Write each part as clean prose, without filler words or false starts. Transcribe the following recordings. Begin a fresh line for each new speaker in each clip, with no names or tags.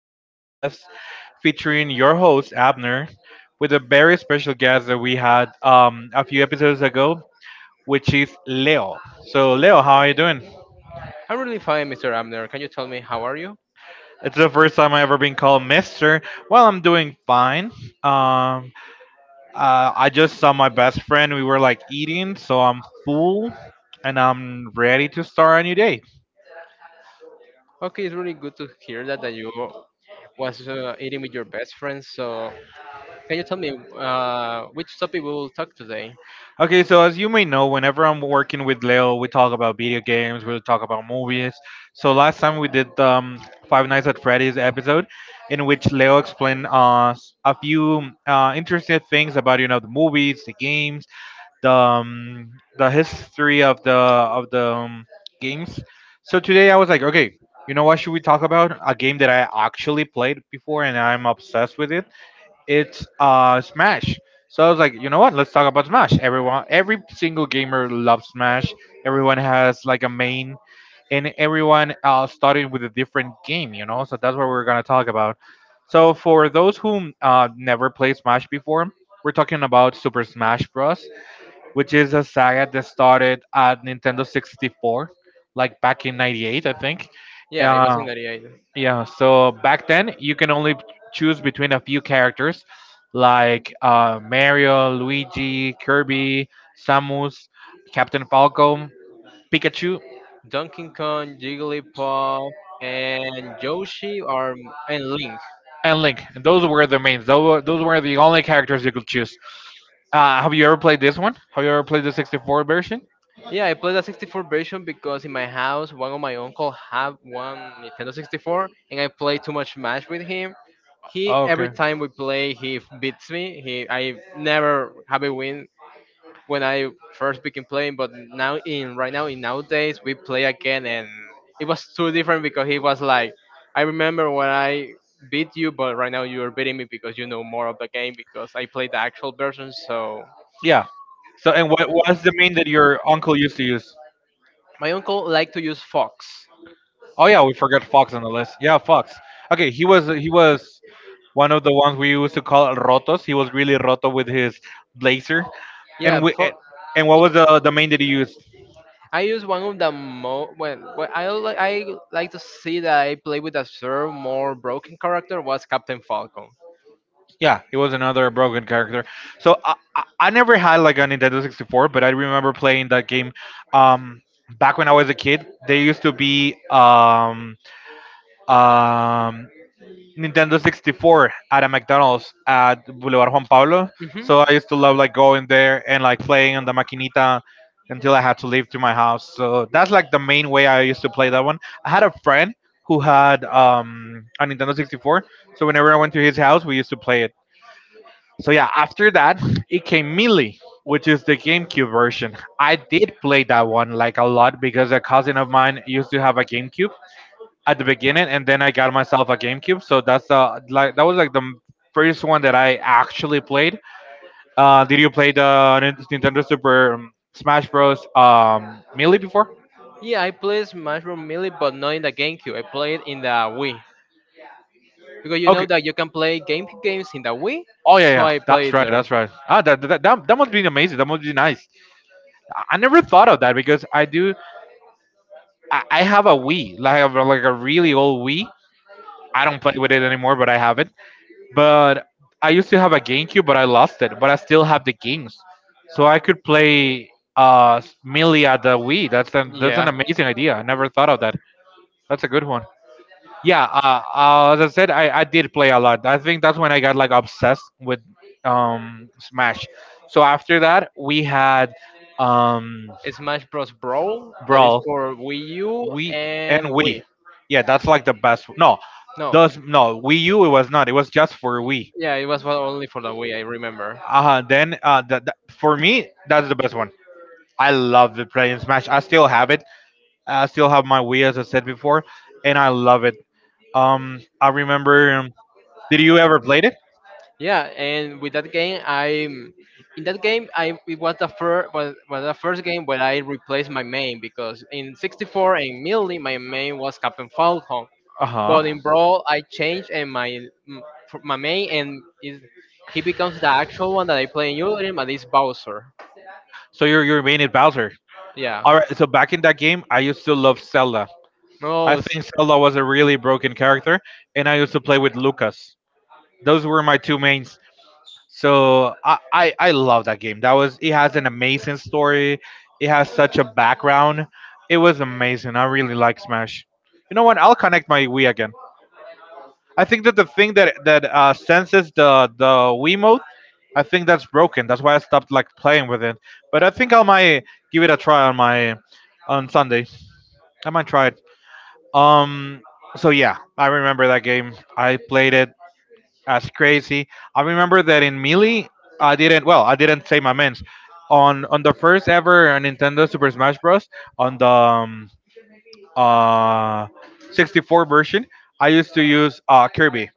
today's podcast featuring your host, Abner, with a very special guest that we had a few episodes ago, which is Leo. So, Leo, how are you doing?
I'm really fine, Mr. Abner. Can you tell me how are you?
It's the first time I ever been called Mister. Well, I'm doing fine. Um, I just saw my best friend. We were like eating, so I'm full and I'm ready to start a new day.
Okay, it's really good to hear that you was eating with your best friends. So, can you tell me which topic we will talk today?
Okay, so as you may know, whenever I'm working with Leo, we talk about video games, we talk about movies. So last time we did Five Nights at Freddy's episode, in which Leo explained a few interesting things about you know the movies, the games, the history of the of the games. So today I was like, okay, you know what should we talk about? A game that I actually played before and I'm obsessed with it, it's Smash. So I was like, you know what? Let's talk about Smash. Everyone, every single gamer loves Smash. Everyone has like a main, and everyone started with a different game, you know. So that's what we're gonna talk about. So for those who never played Smash before, we're talking about Super Smash Bros., which is a saga that started at Nintendo 64, like back in '98, I think.
Yeah, it was in
Um,
'98.
yeah, so back then you can only choose between a few characters like Mario, Luigi, Kirby, Samus, Captain Falco, Pikachu,
Donkey Kong, Jigglypuff, and Yoshi, or and Link.
and Link. And those were the mains. Those were the only characters you could choose. Have you ever played this one? Have you ever played the 64 version?
Yeah, I played the 64 version because in my house, one of my uncle have one Nintendo 64, and I play too much Smash with him. He
Oh,
every
okay.
time we play, beats me. He I never have a win when I first begin playing, but now in right now in nowadays we play again, and it was too different because he was like, I remember when I beat you, but right now you are beating me because you know more of the game because I played the actual version. So
Yeah. So, and what was the main that your uncle used to use?
my uncle like to use Fox.
Oh yeah, we forgot Fox on the list. Yeah, Fox. Okay, he was one of the ones we used to call rotos. He was really roto with his blazer. And
Yeah, Fox.
and what was the main that he used?
I use one of the mo when well, I like to see that I play with a sort of more broken character was Captain Falcon.
Yeah, he was another broken character. So I never had like a Nintendo 64, but I remember playing that game. Um, back when I was a kid, they used to be um Nintendo 64 at a McDonald's at Boulevard Juan Pablo.
Hmm.
So I used to love like going there and like playing on the maquinita until I had to leave to my house. So that's like the main way I used to play that one. I had a friend who had a Nintendo 64. So whenever I went to his house, we used to play it. So yeah, after that, it came Melee, which is the GameCube version. I did play that one like a lot because a cousin of mine used to have a GameCube at the beginning, and then I got myself a GameCube. So that's like that was like the m- first one that I actually played. Did you play the Nintendo Super Smash Bros. Melee before?
Yeah, I play Smash Bros. Melee, but not in the GameCube. I play it in the Wii because you
Okay.
know that you can play games in the Wii,
Oh yeah,
so
yeah.
I
That's
played
right.
there.
That's right. Ah, that must be amazing. That must be nice. I never thought of that because I do. I have a Wii, like like a really old Wii. I don't play with it anymore, but I have it. But I used to have a GameCube, but I lost it. But I still have the games, so I could play Melee at the Wii. That's an
Yeah,
amazing idea. I never thought of that. That's a good one. Yeah, as I said, I did play a lot. I think that's when I got like obsessed with Smash. So after that, we had um
Smash Bros. Brawl that is
Brawl,
for Wii U
Wii, and
and Wii.
Wii. Yeah, that's like the best. No,
No.
those no Wii U. It was not. It was just for Wii.
Yeah, it was only for the Wii. I remember.
For me, that's the best one. I love the playing Smash. I still have it. I still have my Wii, as I said before, and I love it. I remember. Did you ever played it?
Yeah, and with that game, I in that game, I it was was the first game where I replaced my main because in 64 and Melee, my main was Captain Falcon,
Uh huh.
but in Brawl, I changed and my m- f- my main and is he becomes the actual one that I play in Ultim, and it's Bowser.
So your main is Bowser.
Yeah.
All right. So back in that game, I used to love Zelda. I
No.
think Zelda was a really broken character, and I used to play with Lucas. Those were my two mains. So I love that game. That was it has an amazing story. It has such a background. It was amazing. I really like Smash. You know what? I'll connect my Wii again. I think that the thing that senses the Wii mode, I think that's broken. That's why I stopped like playing with it. But I think I might give it a try on my on Sunday. I might try it. Um. So yeah, I remember that game. I played it. That's crazy. I remember that in Melee, I didn't. Well, I didn't say my mans. On the first ever Nintendo Super Smash Bros. On the uh, 64 version, I used to use Kirby,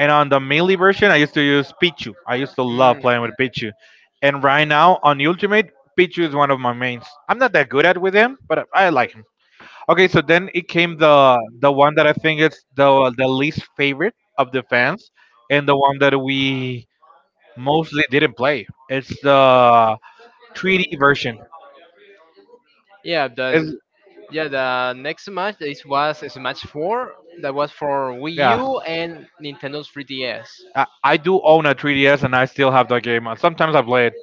and on the Melee version, I used to use Pichu. I used to love
Mm.
playing with Pichu, and right now on Ultimate, Pichu is one of my mains. I'm not that good at with him, but I like him. Okay, so then it came the one that I think is the least favorite of the fans, and the one that we mostly didn't play. It's the 3D version.
Yeah, that's
It's
Yeah, the next match is was Smash 4 that was for Wii
yeah.
U and Nintendo's 3DS.
I do own a 3DS, and I still have that game. Sometimes I play it,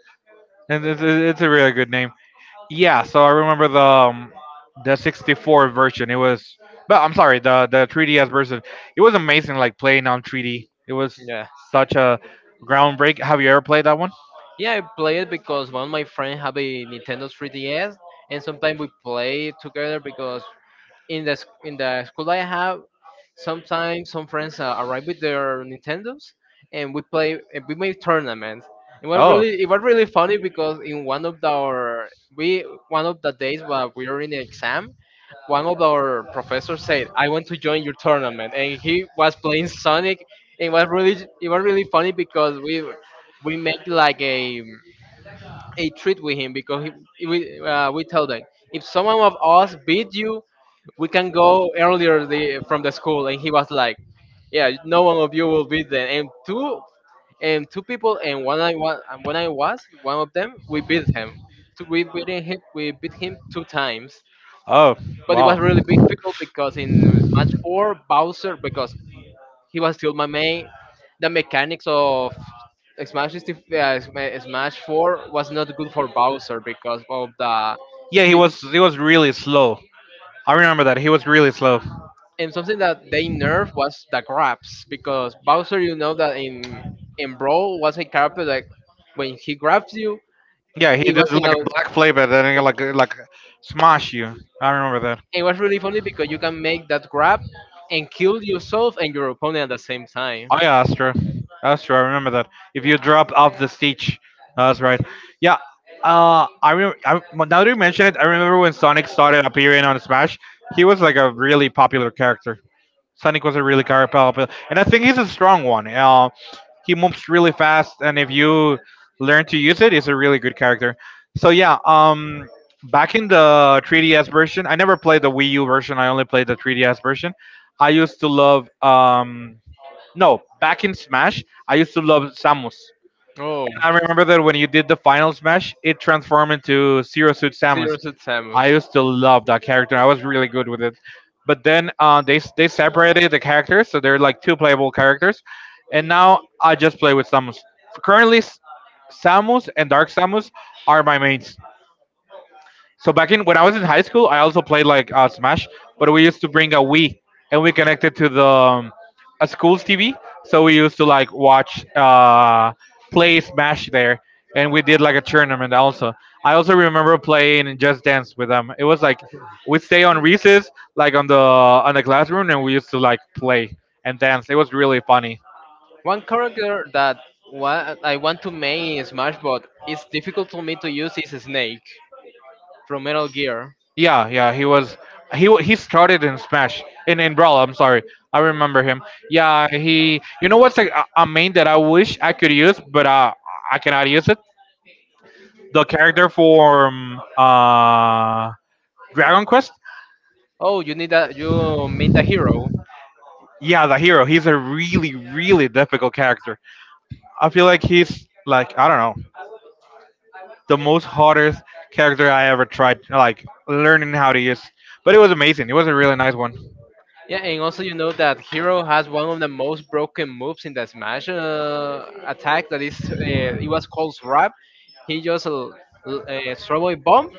and it's a really good name. Yeah. So I remember the 64 version. It was, but I'm sorry, the 3DS version. It was amazing, like playing on 3D. It was
Yeah.
such a groundbreak. Have you ever played that one?
Yeah, I play it because one of my friends have a Nintendo 3DS and sometimes we play it together because in the school I have sometimes some friends arrive with their Nintendos and we play and we make tournaments. It was
Oh.
really funny because in one of the, our we one of the days while we were in the exam one of our professors said, "I want to join your tournament," and he was playing Sonic. It was really funny because we made like a treat with him because we told him if someone of us beat you, we can go earlier from the school, and he was like, "Yeah, no one of you will beat them." And two people and one I was and when I was one of them, we beat him. So we beat him two times.
Oh,
But it was
wow.
really difficult because in Smash 4, Bowser, because he was still my main, the mechanics of Smash, is dif- Sma- Smash 4 was not good for Bowser because of the.
Yeah, he
be-
was he was really slow. I remember that. He was really slow.
And something that they nerfed was the grabs because Bowser, you know that in Brawl was a character that when he grabs you,
Yeah, he
it
did
wasn't
like
a,
a black flavor and then he like smash you. I remember
it was really funny because
that.
you can make that grab and kill yourself and your opponent at the same time.
Oh yeah, Astro. Astro, I remember that. If you drop off the stage, that's right. Yeah. I remember. I, well, now that you mention it, I remember when Sonic started appearing on Smash. He was like a really popular character. Sonic was a popular, and I think he's a strong one. He moves really fast, and if you learn to use it, it's a really good character. So yeah. Back in the 3DS version, I never played the Wii U version. I only played the 3DS version. I used to love no, back in Smash, I used to love Samus.
Oh,
And I remember that when you did the final Smash, it transformed into Zero Suit Samus.
serious with Samus.
I used to love that character. I was really good with it. But then they separated the characters, so they're like two playable characters. And now I just play with Samus. Currently, Samus and Dark Samus are my mains. So back in when I was in high school, I also played like Smash, but we used to bring a Wii and we connected to the a school's TV. So we used to like watch play Smash there, and we did like a tournament also. I also remember playing Just Dance with them. It was like we'd stay on recess, like on the classroom, and we used to like play and dance. It was really funny.
One character that I want to make in Smash Bros. Is difficult for me to use is Snake from Metal Gear.
Yeah, he was. He started in Smash in Brawl. I'm sorry, I remember him. Yeah, he. You know a main that I wish I could use, but I cannot use it. The character from Dragon Quest.
Oh, you need a you mean the hero.
Yeah, the hero. He's a really really difficult character. I feel like he's like I don't know the most hardest character I ever tried like learning how to use. But it was amazing. It was a really nice one.
Yeah, and also you know that Hero has one of the most broken moves in the Smash attack. It was called Wrap. He just throw a bomb,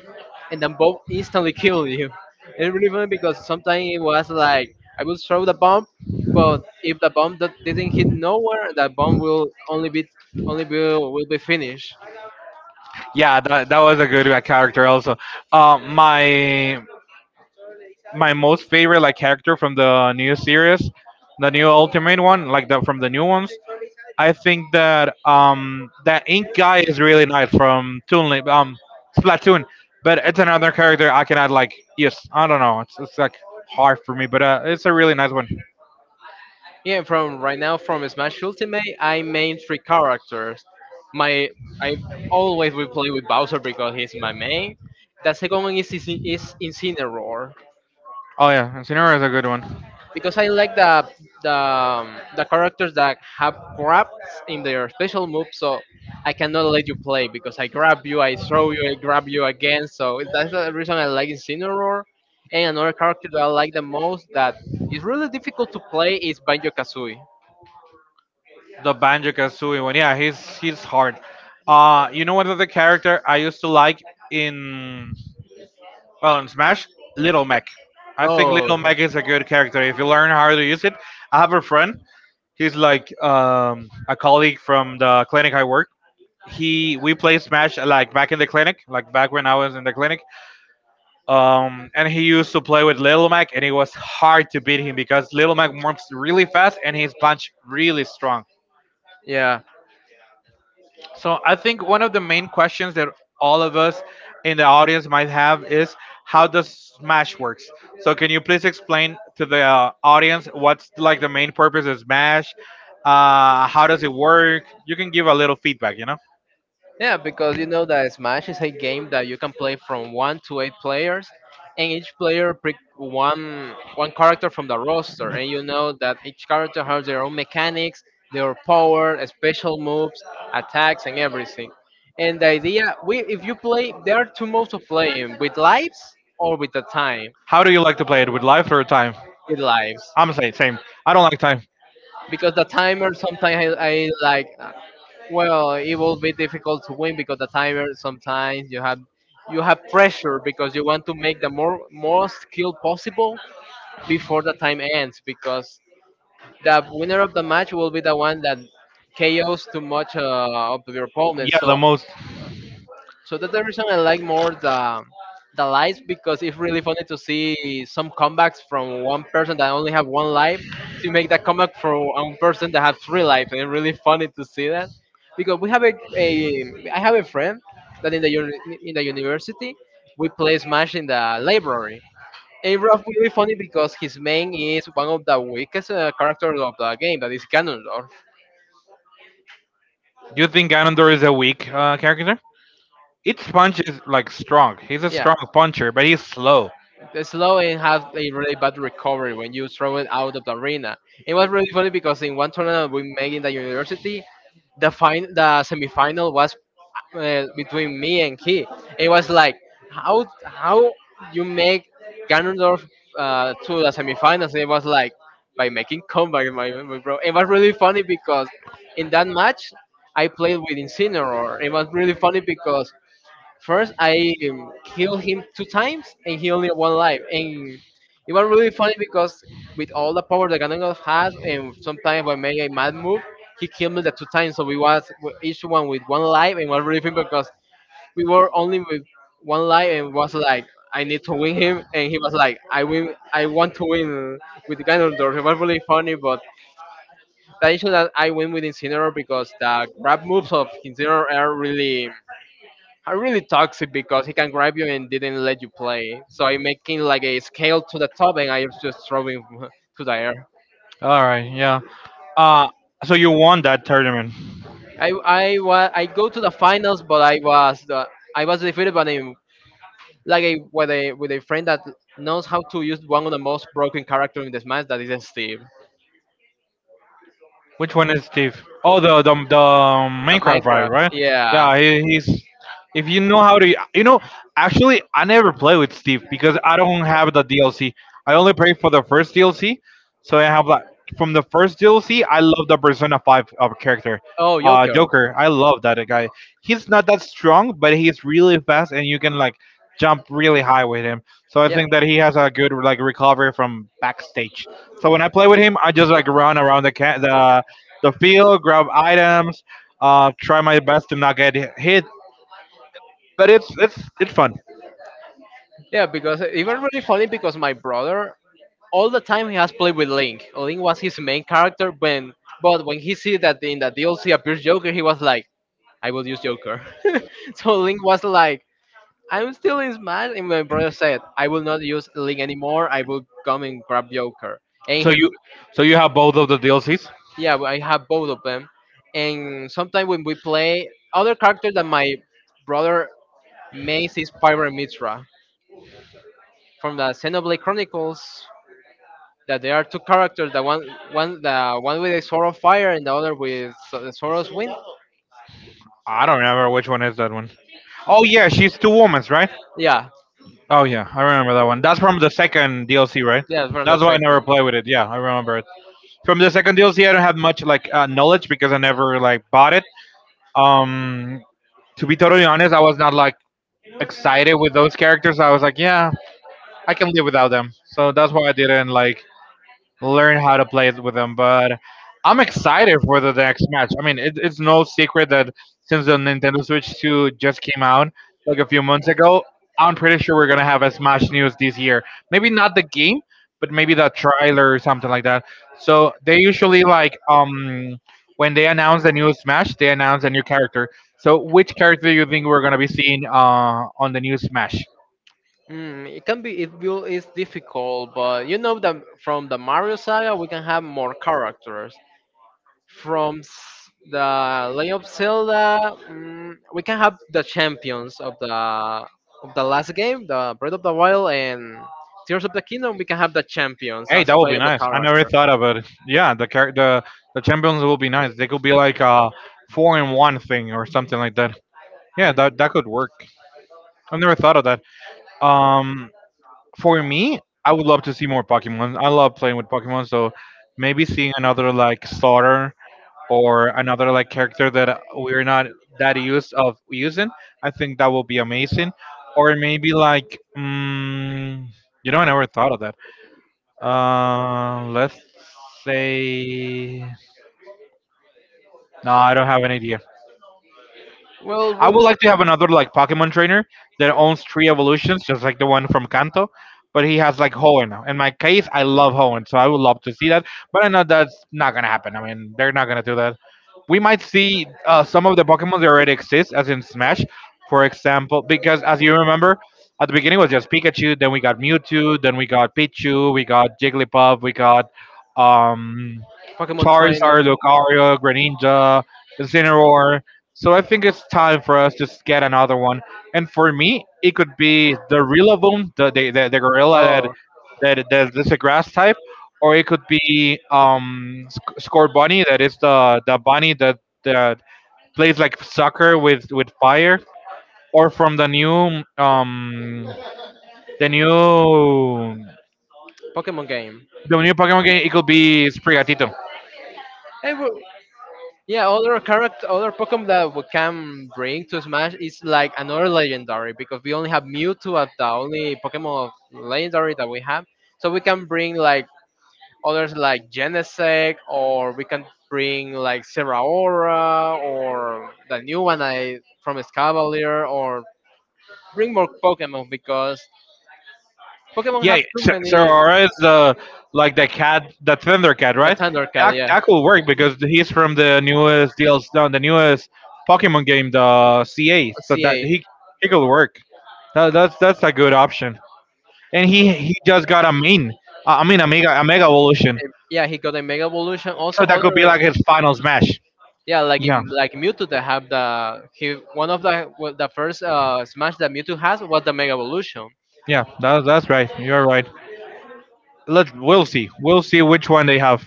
and then bomb instantly killed you. It's really funny because sometimes it was like I will throw the bomb, but if the bomb that didn't hit nowhere, that bomb will only be only will be finished.
Yeah, that was a good character also. Uh, my my most favorite like character from the new series, the new Ultimate one, like the from the new ones. I think that Ink guy is really nice from Splatoon, but it's another character I cannot like. Yes, I don't know. It's like hard for me, but it's a really nice one.
Yeah, from right now from Smash Ultimate, I main three characters. My I always will play with Bowser because he's my main. The second one is Incineroar
Oh yeah, Incineroar is a good one.
because I like the characters that have grabs in their special move, so I cannot let you play because I grab you, I throw you, I grab you again. So that's the reason I like Incineroar. And another character that I like the most that is really difficult to play is Banjo Kazooie.
The Banjo Kazooie one, yeah, he's hard. You know what other character I used to like in well, in Smash, Little Mac. I think
Oh,
Little Mac is a good character if you learn how to use it. I have a friend. He's like a colleague from the clinic I work. He we play Smash like back in the clinic, like back when I was in the clinic. And he used to play with Little Mac, and it was hard to beat him because Little Mac moves really fast and his punch really strong.
yeah,
So I think one of the main questions that all of us in the audience might have is how does Smash works? So can you please explain to the audience what's like the main purpose of Smash? How does it work? You can give a little feedback.
yeah, because you know that Smash is a game that you can play from one to eight players, and each player pick one character from the roster, and you know that each character has their own mechanics, their power, special moves, attacks, and everything. And the idea, we if you play, there are two modes of playing: with lives or with the time.
How do you like to play it with life or time?
With lives,
I'm saying same. I don't like time.
because the timer I like. Well, it will be difficult to win because the timer sometimes you have pressure because you want to make the more most kill possible before the time ends because the winner of the match will be the one that KOs too much of your opponent.
Yeah,
So
the most.
so that's the reason I like more the lives because it's really funny to see some comebacks from one person that only have one life to make that comeback for one person that has three lives, and it's really funny to see that because we have a I have a friend that in the university we play Smash in the library. And it's really funny because his main is one of the weakest characters of the game, that is Ganondorf.
Do you think Ganondorf is a weak character? Each punch is like strong. He's a
Yeah.
strong puncher, but he's slow.
The Sloan had a really bad recovery when you throw it out of the arena. It was really funny because in one tournament we made in the university, the semifinal was between me and he. It was like how you make Ganondorf to the semifinals. It was like by making comeback, my bro. It was really funny because in that match I played with Incineroar. It was really funny because first, I healed him two times, and he only had one life. And it was really funny because with all the power that Ganondorf has, and sometimes when I making a mad move, he killed me the two times. So each one with one life, and it was really funny because we were only with one life, and was like, I need to win him, and he was like, I want to win with Ganondorf. It was really funny, but the issue that I win with Incineroar because the grab moves of Incineroar are really toxic because he can grab you and didn't let you play. So I'm making like a scale to the top and I was just throwing to the air.
All right, yeah. Uh, so you won that tournament.
I go to the finals, but I was defeated by like a with a friend that knows how to use one of the most broken character in this match that is Steve.
Which one is Steve? Oh, the
The
Minecraft ride,
Minecraft,
right?
yeah.
Yeah, he's. If you know how to, you know, actually, I never play with Steve because I don't have the DLC. I only play for the first DLC, so I have like from the first DLC. I love the Persona Five of character.
Oh, Joker.
Joker. I love that guy. He's not that strong, but he's really fast and you can like jump really high with him. So I
Yeah,
think that he has a good like recovery from backstage. So when I play with him, I just like run around the the field, grab items, try my best to not get hit, but it's fun.
yeah. Because it was really funny because my brother all the time he has played with Link. Link was his main character when but when he see that in the DLC appears Joker, he was like, I will use Joker. So Link was like, I'm still in Smash and my brother said, I will not use Link anymore, I will come and grab Joker. And
So
he,
you so you have both of the DLCs?
yeah, I have both of them. And sometimes when we play other characters that my brother makes is Pyra and Mitra from the Xenoblade Chronicles that there are two characters that one the one with a sword of fire and the other with the sword of wind.
I don't remember which one is that one. Oh yeah, she's two women's, right?
Yeah,
Oh yeah, I remember that one. That's from the second DLC, right?
yeah, from the
That's why I never
second.
play with it. Yeah, I remember it. From the second DLC, I don't have much like knowledge because I never like bought it. Um, to be totally honest, I was not like excited with those characters. I was like, yeah, I can live without them. So that's why I didn't like learn how to play it with them. But I'm excited for the next match. I mean, it's no secret that since the Nintendo Switch 2 just came out like a few months ago, I'm pretty sure we're gonna have a Smash news this year. Maybe not the game, but maybe the trailer or something like that. So they usually like when they announce a new Smash, they announce a new character. So which character do you think we're gonna be seeing on the new Smash?
Mm, it can be it will is difficult, but you know that from the Mario saga we can have more characters. From the Legend of Zelda, mm, we can have the champions of the last game, the Breath of the Wild and Tears of the Kingdom. We can have the champions
Hey,
as
that would be
playable
nice. I never
characters.
thought about it. Yeah, the the champions will be nice. They could be like a four in one thing or something like that. Yeah, that could work. I never thought of that. Um, for me, I would love to see more Pokemon. I love playing with Pokemon, so maybe seeing another like starter or another like character that we're not that used of using. I think that would be amazing. Or maybe like, mm, I never thought of that let's say no, I don't have an idea.
Well,
I
when
would like to have another like Pokemon trainer that owns three evolutions, just like the one from Kanto, but he has like Hoenn. In my case, I love Hoenn, so I would love to see that. But I know that's not gonna happen. I mean, they're not gonna do that. We might see some of the Pokemon that already exist, as in Smash, for example, because as you remember, at the beginning was just Pikachu, then we got Mewtwo, then we got Pichu, we got Jigglypuff, we got um
Pokemon Trainer.
Charizard, Lucario, Greninja, Incineroar. So I think it's time for us to get another one. And for me, it could be the Rillaboom, the gorilla that
Oh,
that's a grass type, or it could be Score Bunny, that is the bunny that plays like soccer with fire, or from the new the new
Pokemon game.
the new Pokemon game, it could be Sprigatito.
Hey, wha- yeah, other character, other Pokemon that we can bring to Smash is like another legendary because we only have Mewtwo as the only Pokemon of legendary that we have. So we can bring like others like Genesect or we can bring like Serraora or the new one I from Escavalier or bring more Pokemon because Pokemon
Yeah,
have too
Sir
many.
Aura is the like the cat, the Thundercat,
The
right?
Thundercat,
That
yeah.
that could work because he's from the newest DLC, no, the newest Pokemon game, the CA. So that
CA.
he could work. That's a good option. And he just got a main, I mean a mega evolution.
Yeah, he got a Mega Evolution.
So
Also
that could be
other.
like his final smash.
Yeah, like
Yeah,
in, like Mewtwo that have the he one of the well, the first Smash that Mewtwo has was the Mega Evolution.
yeah, that's right. You're right. Let we'll see. We'll see which one they have.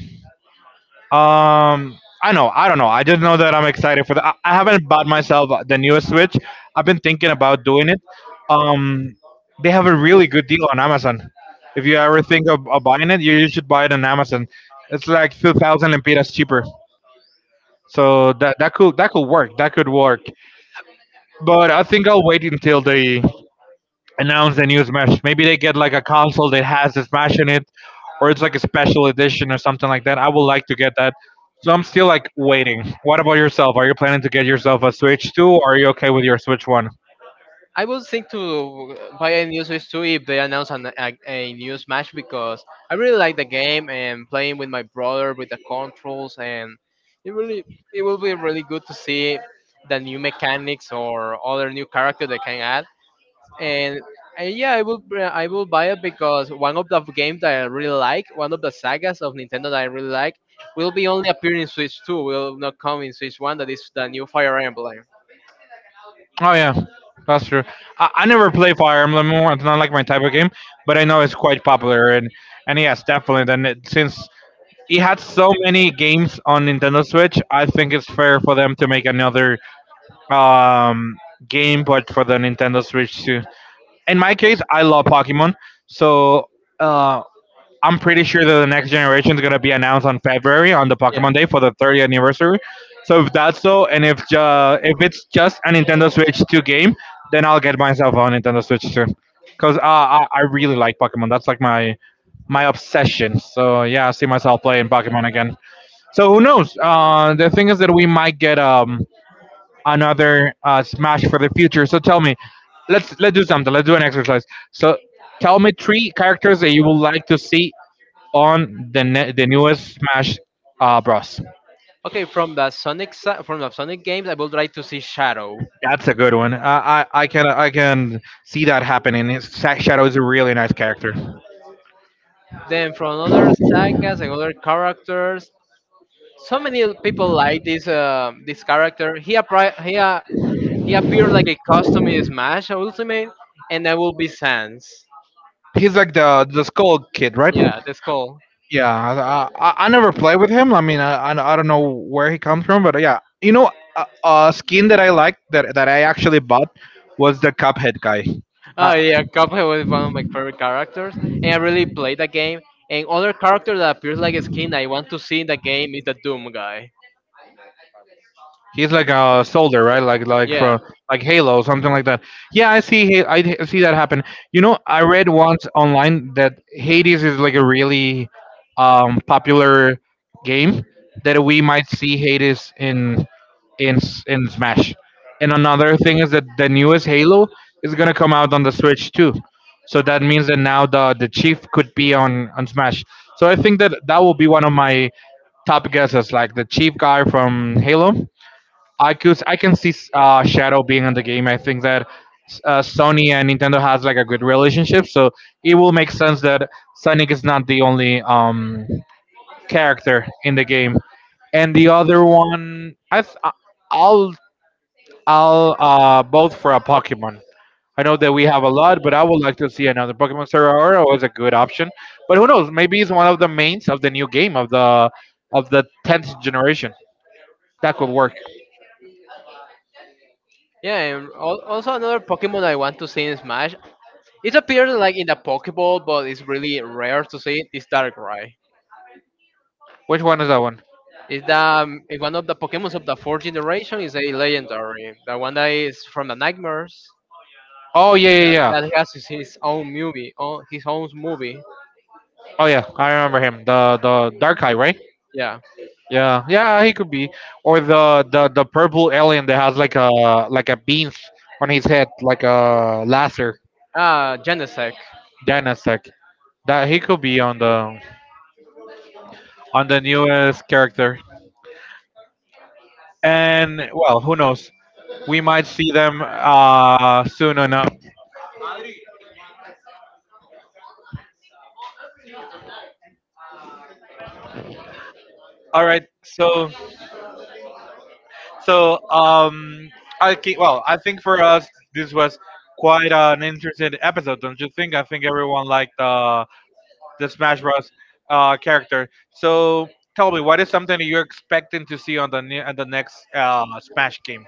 I don't know. I just know that I'm excited for that. I haven't bought myself the newest Switch. I've been thinking about doing it. Um, they have a really good deal on Amazon. If you ever think of buying it, you should buy it on Amazon. It's like 2,000 lempiras cheaper. So that could work. That could work. But I think I'll wait until they announce the new Smash. Maybe they get like a console that has the Smash in it, or it's like a special edition or something like that. I would like to get that. So I'm still like waiting. What about yourself? Are you planning to get yourself a Switch 2 or are you okay with your Switch 1?
I would think to buy a new Switch too if they announce a new Smash because I really like the game and playing with my brother with the controls and it really it will be really good to see the new mechanics or other new character they can add. And yeah, I will br- I will buy it because one of the games that I really like, one of the sagas of Nintendo that I really like, will be only appearing in Switch 2. Will not come in Switch 1. That is the new Fire Emblem.
Oh yeah, that's true. I never play Fire Emblem. More. It's not like my type of game, but I know it's quite popular and yes, definitely. Then since it had so many games on Nintendo Switch, I think it's fair for them to make another um game but for the Nintendo Switch too. In my case, I love Pokemon. So uh, I'm pretty sure that the next generation is gonna be announced on February on the
Yeah.
Pokemon Day for the 30th anniversary. So if that's so, and if if it's just a Nintendo Switch 2 game, then I'll get myself a Nintendo Switch soon. Cause I really like Pokemon. That's like my obsession. So yeah, I see myself playing Pokemon again. So who knows? The thing is that we might get another Smash for the future. So tell me, let's do something. Let's do an exercise. So tell me three characters that you would like to see on the newest Smash Bros.
Okay, from the Sonic games, I would like to see Shadow.
That's a good one. I can see that happening. Shadow is a really nice character.
Then from other sagas and other characters, so many people like this character. He appri- he appeared like a custom in Smash Ultimate, and that will be Sans.
He's like the Skull Kid, right?
Yeah, the skull.
Yeah, I never play with him. I mean, I don't know where he comes from, but yeah, you know, a skin that I liked that I actually bought was the Cuphead guy.
Oh
Uh,
yeah, Cuphead was one of my favorite characters, and I really played the game. And other character that appears like a skin I want to see in the game is the Doom guy.
He's like a soldier, right? Like
Yeah,
from like Halo, something like that. Yeah, I see. See that happen. You know, I read once online that Hades is like a really popular game that we might see Hades in in Smash. And another thing is that the newest Halo is gonna come out on the Switch too. So that means that now the chief could be on Smash. So I think that that will be one of my top guesses, like the chief guy from Halo. I could I can see Shadow being in the game. I think that Sony and Nintendo has like a good relationship, so it will make sense that Sonic is not the only character in the game. And the other one, I'll I'll vote for a Pokemon. I know that we have a lot, but I would like to see another Pokemon. Sorora was a good option, but who knows? Maybe it's one of the mains of the new game of the tenth generation. That could work.
yeah. Also another Pokemon I want to see in Smash. It appears like in the Pokeball, but it's really rare to see it. Is Darkrai.
Which one is that one?
It's the it's one of the Pokemons of the fourth generation. Is a legendary. The one that is from the Nightmares.
Oh yeah, yeah,
That,
yeah.
that has his own movie, oh, his own movie.
Oh yeah, I remember him. The dark eye, right?
Yeah.
Yeah, yeah, he could be. Or the purple alien that has like a beans on his head, like a laser,
Ah, Genesect.
Danasek. That he could be on the newest character. And well, who knows? We might see them soon enough. All right, so so I think for us this was quite an interesting episode, don't you think? I think everyone liked the Smash Bros. Character. So tell me, what is something that you're expecting to see on on the next Smash game?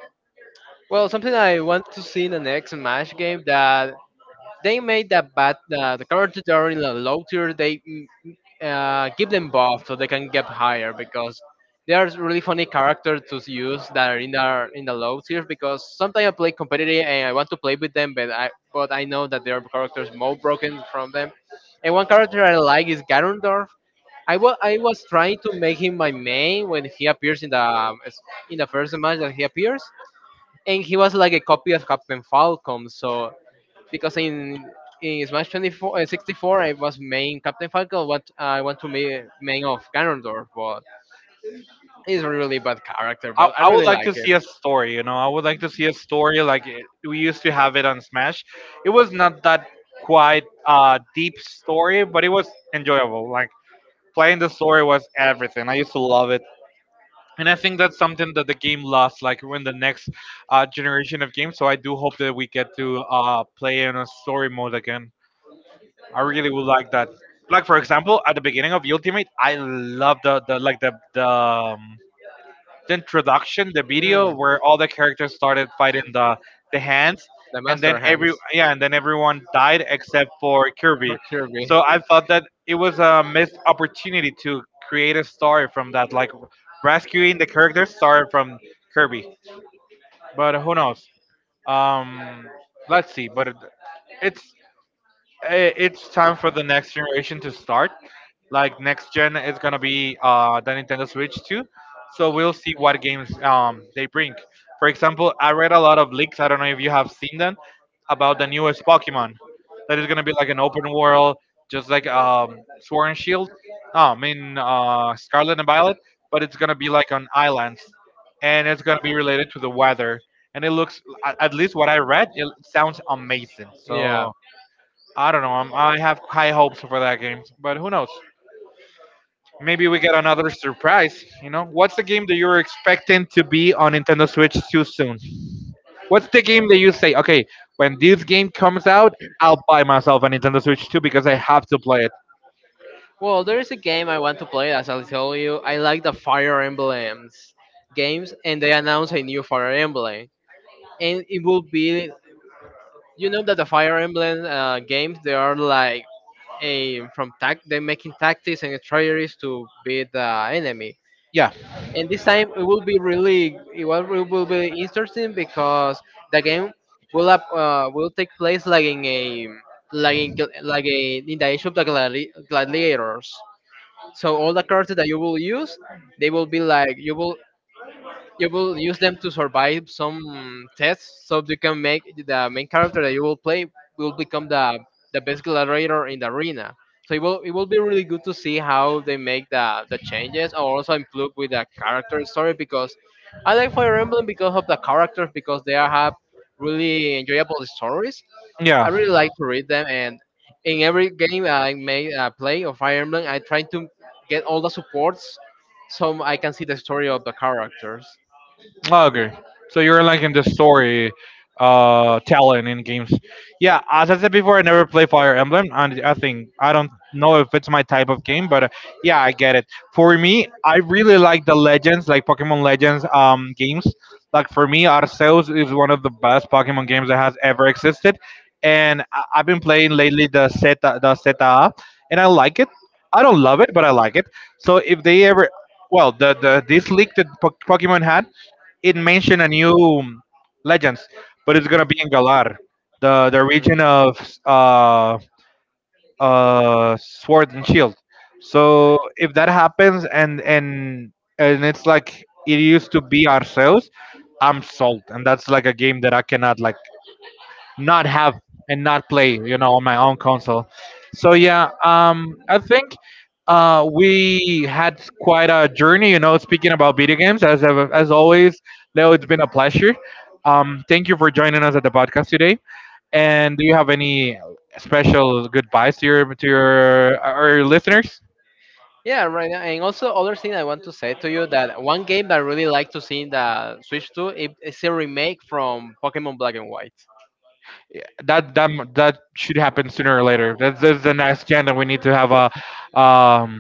Well, something I want to see in the next Smash game that they made that bad the characters that are in the low tier give them buff so they can get higher because they are really funny characters to use that are in the low tier, because sometimes I play competitive and I want to play with them, but I know that their characters more broken from them. And one character I like is Ganondorf. I was trying to make him my main. When he appears in the first match that he appears, and he was like a copy of Captain Falcon. So because in Smash 64, I was main Captain Falcon, what I want to be main of Ganondorf, but he's a really bad character, but I
I would
really
like
like
to
it.
see a story. You know, I would like to see a story like it, we used to have it on Smash. It was not that quite deep story, but it was enjoyable. Like playing the story was everything. I used to love it. And I think that's something that the game lost, like in the next generation of games. So I do hope that we get to play in a story mode again. I really would like that. Like for example, at the beginning of Ultimate, I love the the introduction, the video
Mm.
where all the characters started fighting the hands,
The
and then
Master Hands
every yeah, and then everyone died except for Kirby.
for Kirby.
So I thought that it was a missed opportunity to create a story from that, like rescuing the characters started from Kirby. But who knows? Um, let's see. But it- it's eh, It's time for the next generation to start, like next gen is gonna be the Nintendo Switch too. So we'll see what games they bring. For example, I read a lot of leaks. I don't know if you have seen them, about the newest Pokemon. That is gonna be like an open world, just like Sword and Shield. No, I mean Scarlet and Violet, but it's gonna be like on islands, and it's gonna be related to the weather. And it looks, at least what I read, it sounds amazing.
Yeah.
So I don't know. I have high hopes for that game, but who knows? Maybe we get another surprise. You know, what's the game that you're expecting to be on Nintendo Switch too soon? What's the game that you say, okay, when this game comes out, I'll buy myself a Nintendo Switch 2 because I have to play it.
Well, there is a game I want to play, as I told you. I like the Fire Emblems games, and they announced a new Fire Emblem. And it will be, you know, that the Fire Emblem games, they are like a from tac they're making tactics and strategies to beat the enemy.
Yeah.
And this time it will be really it will be interesting because the game will take place like in a like in gl- like a in the age of the gladiators, so all the characters that you will use, they will be like you will use them to survive some tests, so you can make the main character that you will play will become the best gladiator in the arena. So it will be really good to see how they make the changes or also improve with the character story, because I like Fire Emblem because of the characters, because they are have really enjoyable stories. I
Yeah.
really like to read them, and in every game I may play of Fire Emblem, I try to get all the supports so I can see the story of the characters.
Oh, okay. So you're like in the story telling in games. Yeah, as I said before, I never play Fire Emblem, and I think I don't know if it's my type of game, but yeah, I get it. For me, I really like the Legends, like Pokemon Legends games. Like for me, Arceus is one of the best Pokemon games that has ever existed, and I've been playing lately the Zeta, and I like it. I don't love it, but I like it. So if they ever, well, the this leak that Pokemon had, it mentioned a new legends, but it's gonna be in Galar, the
Mm.
region of uh Sword and Shield. So if that happens, and it's like it used to be ourselves, I'm sold, and that's like a game that I cannot, like, not have and not play, you know, on my own console. So yeah, I think we had quite a journey, you know, speaking about video games. As as always, Leo, it's been a pleasure. Thank you for joining us at the podcast today. And do you have any special goodbyes to your our listeners?
Yeah, right. And also, other thing I want to say to you that one game that I really like to see in the Switch 2, it's a remake from Pokemon Black and White
That should happen sooner or later. That's the next agenda. We need to have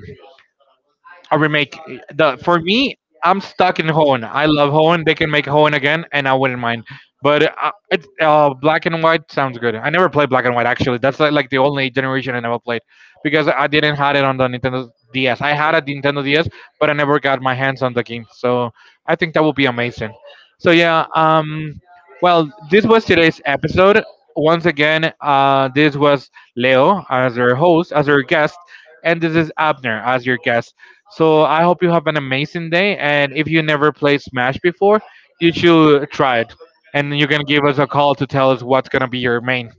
a remake. The for me, I'm stuck in Hoenn. I love Hoenn. They can make Hoenn again, and I wouldn't mind. But it's black and white sounds good. I never played black and white actually. Like the only generation I never played because I didn't had it on the Nintendo DS. I had a Nintendo DS, but I never got my hands on the game. So I think that would be amazing. So yeah, well, this was today's episode. Once again, this was Leo as your host, as your guest, and this is Abner as your guest. So I hope you have an amazing day. And if you never played Smash before, you should try it. And you can give us a call to tell us what's going to be your main.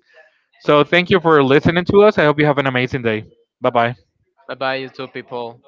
So thank you for listening to us. I hope you have an amazing day. Bye bye.
by two people.